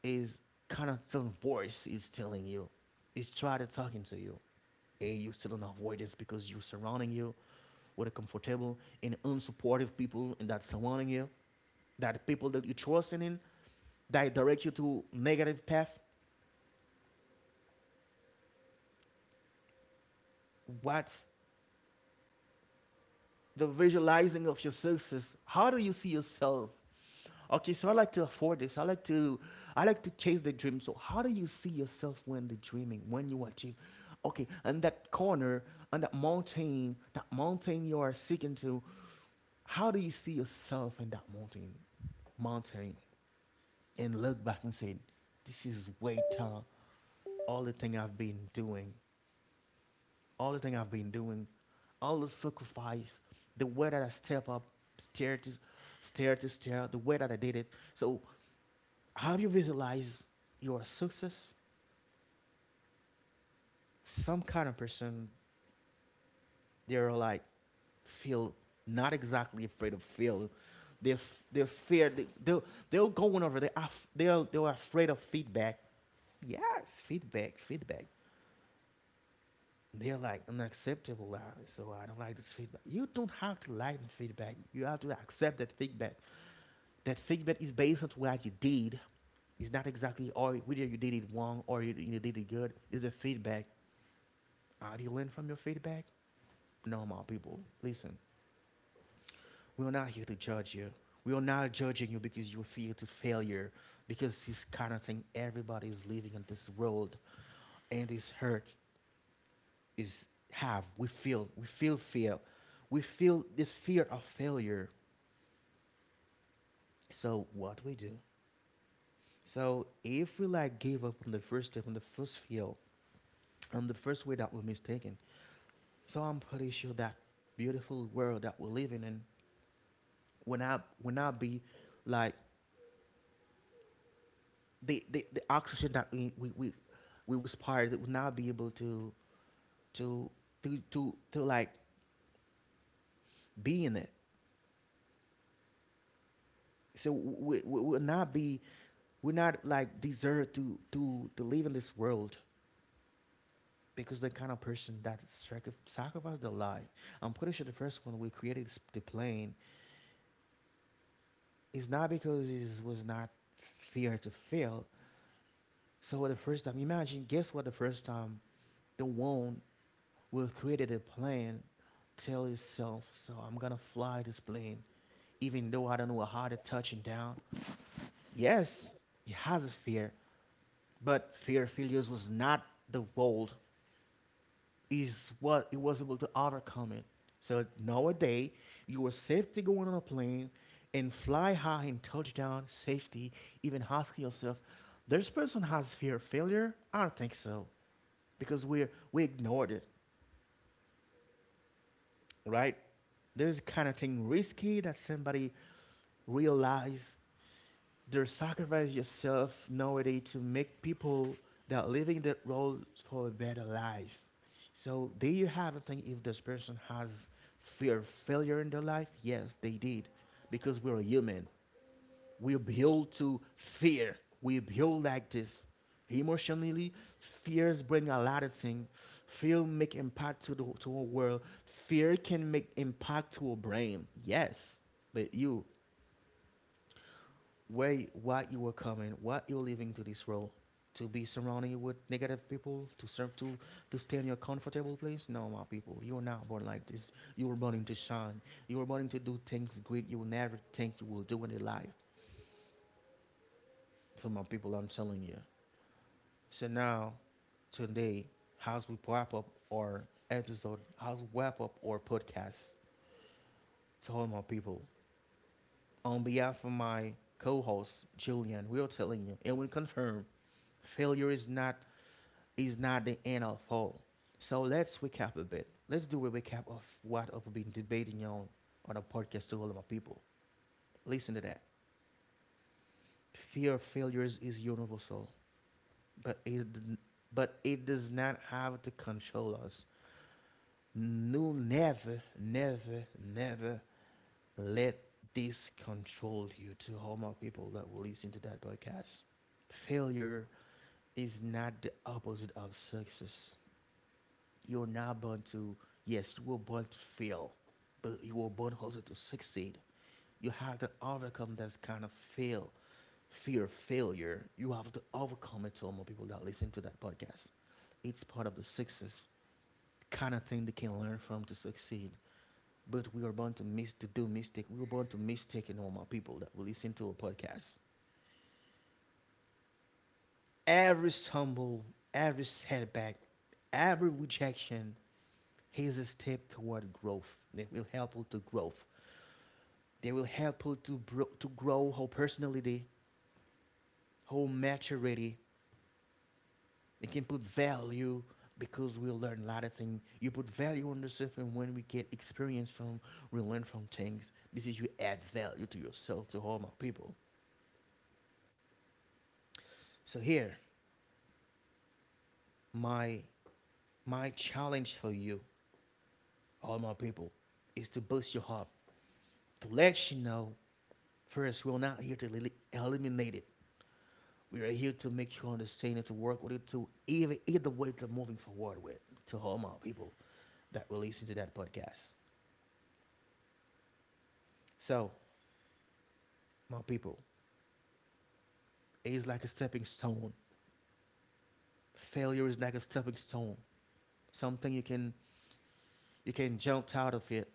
Speaker 1: is kind of some voice is telling you, is trying to talking to you, and you still in avoidance because you're surrounding you with a comfortable and unsupportive people and that surrounding you, that people that you are trusting in, that direct you to negative path. What's the visualizing of your success. How do you see yourself? Okay, so I like to afford this. I like to chase the dream. So how do you see yourself when the dreaming, when you achieve? Okay, and that corner, on that mountain you are seeking to, how do you see yourself in that mountain? Mountain and look back and say, this is way tall all the thing I've been doing all the thing I've been doing, all the sacrifice, the way that I step up, stair to stair to stair, the way that I did it. So, have you visualized your success? Some kind of person, they're like, feel not exactly afraid of fail. They're fear. They're going over. They're they're afraid of feedback. Yes, feedback, feedback. They're like unacceptable. So I don't like this feedback. You don't have to like the feedback. You have to accept that feedback. That feedback is based on what you did. It's not exactly or whether you did it wrong or you did it good. It's a feedback. Have you learned from your feedback? No, my people. Listen, we're not here to judge you. We are not judging you because you fear to failure, because this kind of thing everybody is living in this world and is hurt is have we feel fear, we feel the fear of failure. So what we do, so if we like give up on the first step on the first feel on the first way that we're mistaken. So I'm pretty sure that beautiful world that we're living in will not be like the oxygen that we respired that will not be able to to to like be in it. So we will not be, we're not like deserve to to live in this world because the kind of person that sacrificed their life. I'm pretty sure the first one we created this, the plane is not because it was not fear to fail. So the first time, imagine, guess what? The first time, the one who created a plane tell itself, so I'm gonna fly this plane, even though I don't know how to touching down. Yes, it has a fear, but fear of failures was not the world is what it was able to overcome it. So nowadays, you are safe to go on a plane and fly high and touch down safety, even asking yourself, this person has fear of failure? I don't think so. Because we ignored it, right? There's kind of thing risky that somebody realize they sacrifice yourself nowadays to make people that living their roles for a better life. So there you have a thing. If this person has fear of failure in their life, yes, they did, because we're human. We build to fear. We build like this. Emotionally, fears bring a lot of things. Fear make impact to the to a world. Fear can make impact to a brain. Yes, but you where why you were coming, why you're leaving to this world? To be surrounded with negative people, to serve to stay in your comfortable place. No, my people, you're not born like this. You were born to shine. You were born to do things great you will never think you will do in your life. So my people, I'm telling you. So now today, how's we wrap up our episode? How's we wrap up our podcast? To all my people, on behalf of my co-host Julian, we are telling you, and we confirm, failure is not the end of all. So let's recap a bit. Let's do a recap of what I've been debating on a podcast to all of my people. Listen to that. Fear of failures is universal, but it but it does not have to control us. No, never, never, never let this control you. To all my people that will listen to that podcast, failure is not the opposite of success. You're not born to, yes, you were born to fail, but you were born also to succeed. You have to overcome this kind of fear of failure. You have to overcome it to all more people that listen to that podcast. It's part of the success kind of thing they can learn from to succeed. But we are born to miss to do mistake. We were born to mistake and all my people that will listen to a podcast. Every stumble, every setback, every rejection is a step toward growth. It will help you to growth. They will help you to, to grow whole personality, whole maturity. They can put value because we learn a lot of things. You put value on yourself, and when we get experience from, we learn from things. This is you add value to yourself, to all my people. So here, my my challenge for you, all my people, is to boost your heart, to let you know first we're not here to eliminate it. We are here to make you understand it, to work with it, to either way to moving forward with, to all my people that will listen to that podcast. So, my people, it is like a stepping stone. Failure is like a stepping stone. Something you can jump out of it.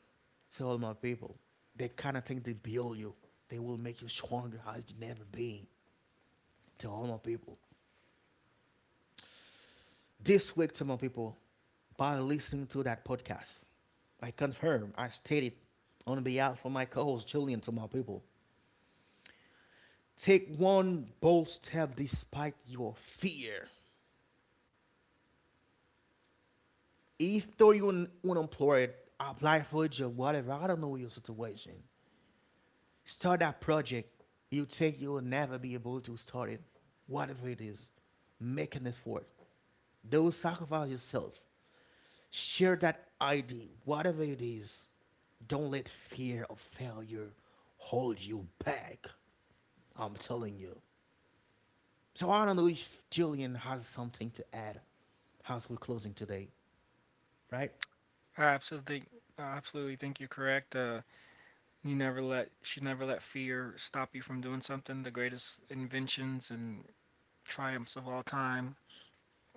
Speaker 1: To all my people, they kind of think they build you. They will make you stronger as you never been. To all my people, this week to my people, by listening to that podcast, I confirm, I stated on behalf of my co-host Julian to my people, take one bold step despite your fear. If though you're unemployed, apply for a job, whatever, I don't know your situation. Start that project you think you will never be able to start it. Whatever it is, make an effort. Don't sacrifice yourself. Share that idea, whatever it is. Don't let fear of failure hold you back. I'm telling you. So I don't know if Julian has something to add as we're closing today, right?
Speaker 2: I absolutely I absolutely think you're correct. You never let should never let fear stop you from doing something. The greatest inventions and triumphs of all time.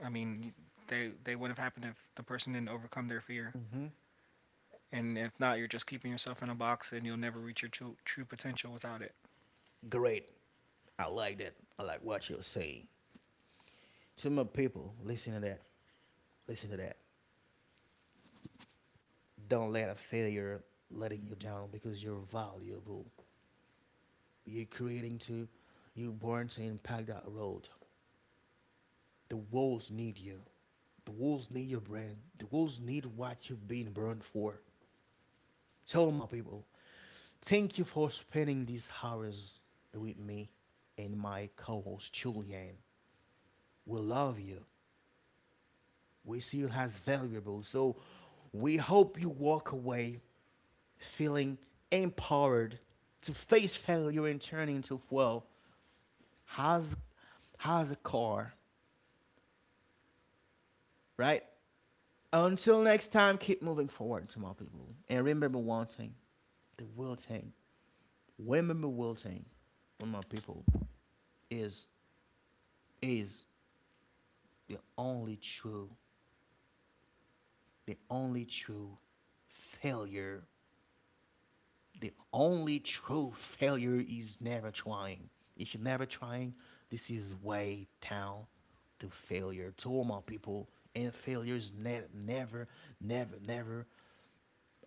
Speaker 2: I mean, they wouldn't have happened if the person didn't overcome their fear.
Speaker 1: Mm-hmm.
Speaker 2: And if not, you're just keeping yourself in a box, and you'll never reach your true potential without it.
Speaker 1: Great. I like that. I like what you're saying. To my people, listen to that. Listen to that. Don't let a failure letting you down because you're valuable. You're creating to, you're born to impact that world. The wolves need you. The wolves need your brand. The wolves need what you've been burned for. Tell my people, thank you for spending these hours with me and my co host Julian. We love you. We see you as valuable. So we hope you walk away feeling empowered to face failure and turn into well has a car, right? Until next time, keep moving forward to my people. And remember one thing, the will thing. Remember will thing my people is is the only true the only true failure, the only true failure is never trying. If you're never trying, this is way down to failure. To all my people, and failure is never, never, never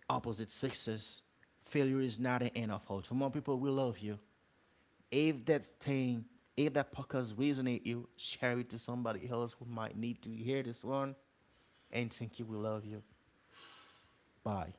Speaker 1: opposite success. Failure is not an end of hope. To my people, we love you. If that thing, if that podcast resonates you, share it to somebody else who might need to hear this one. And thank you. We love you. Bye.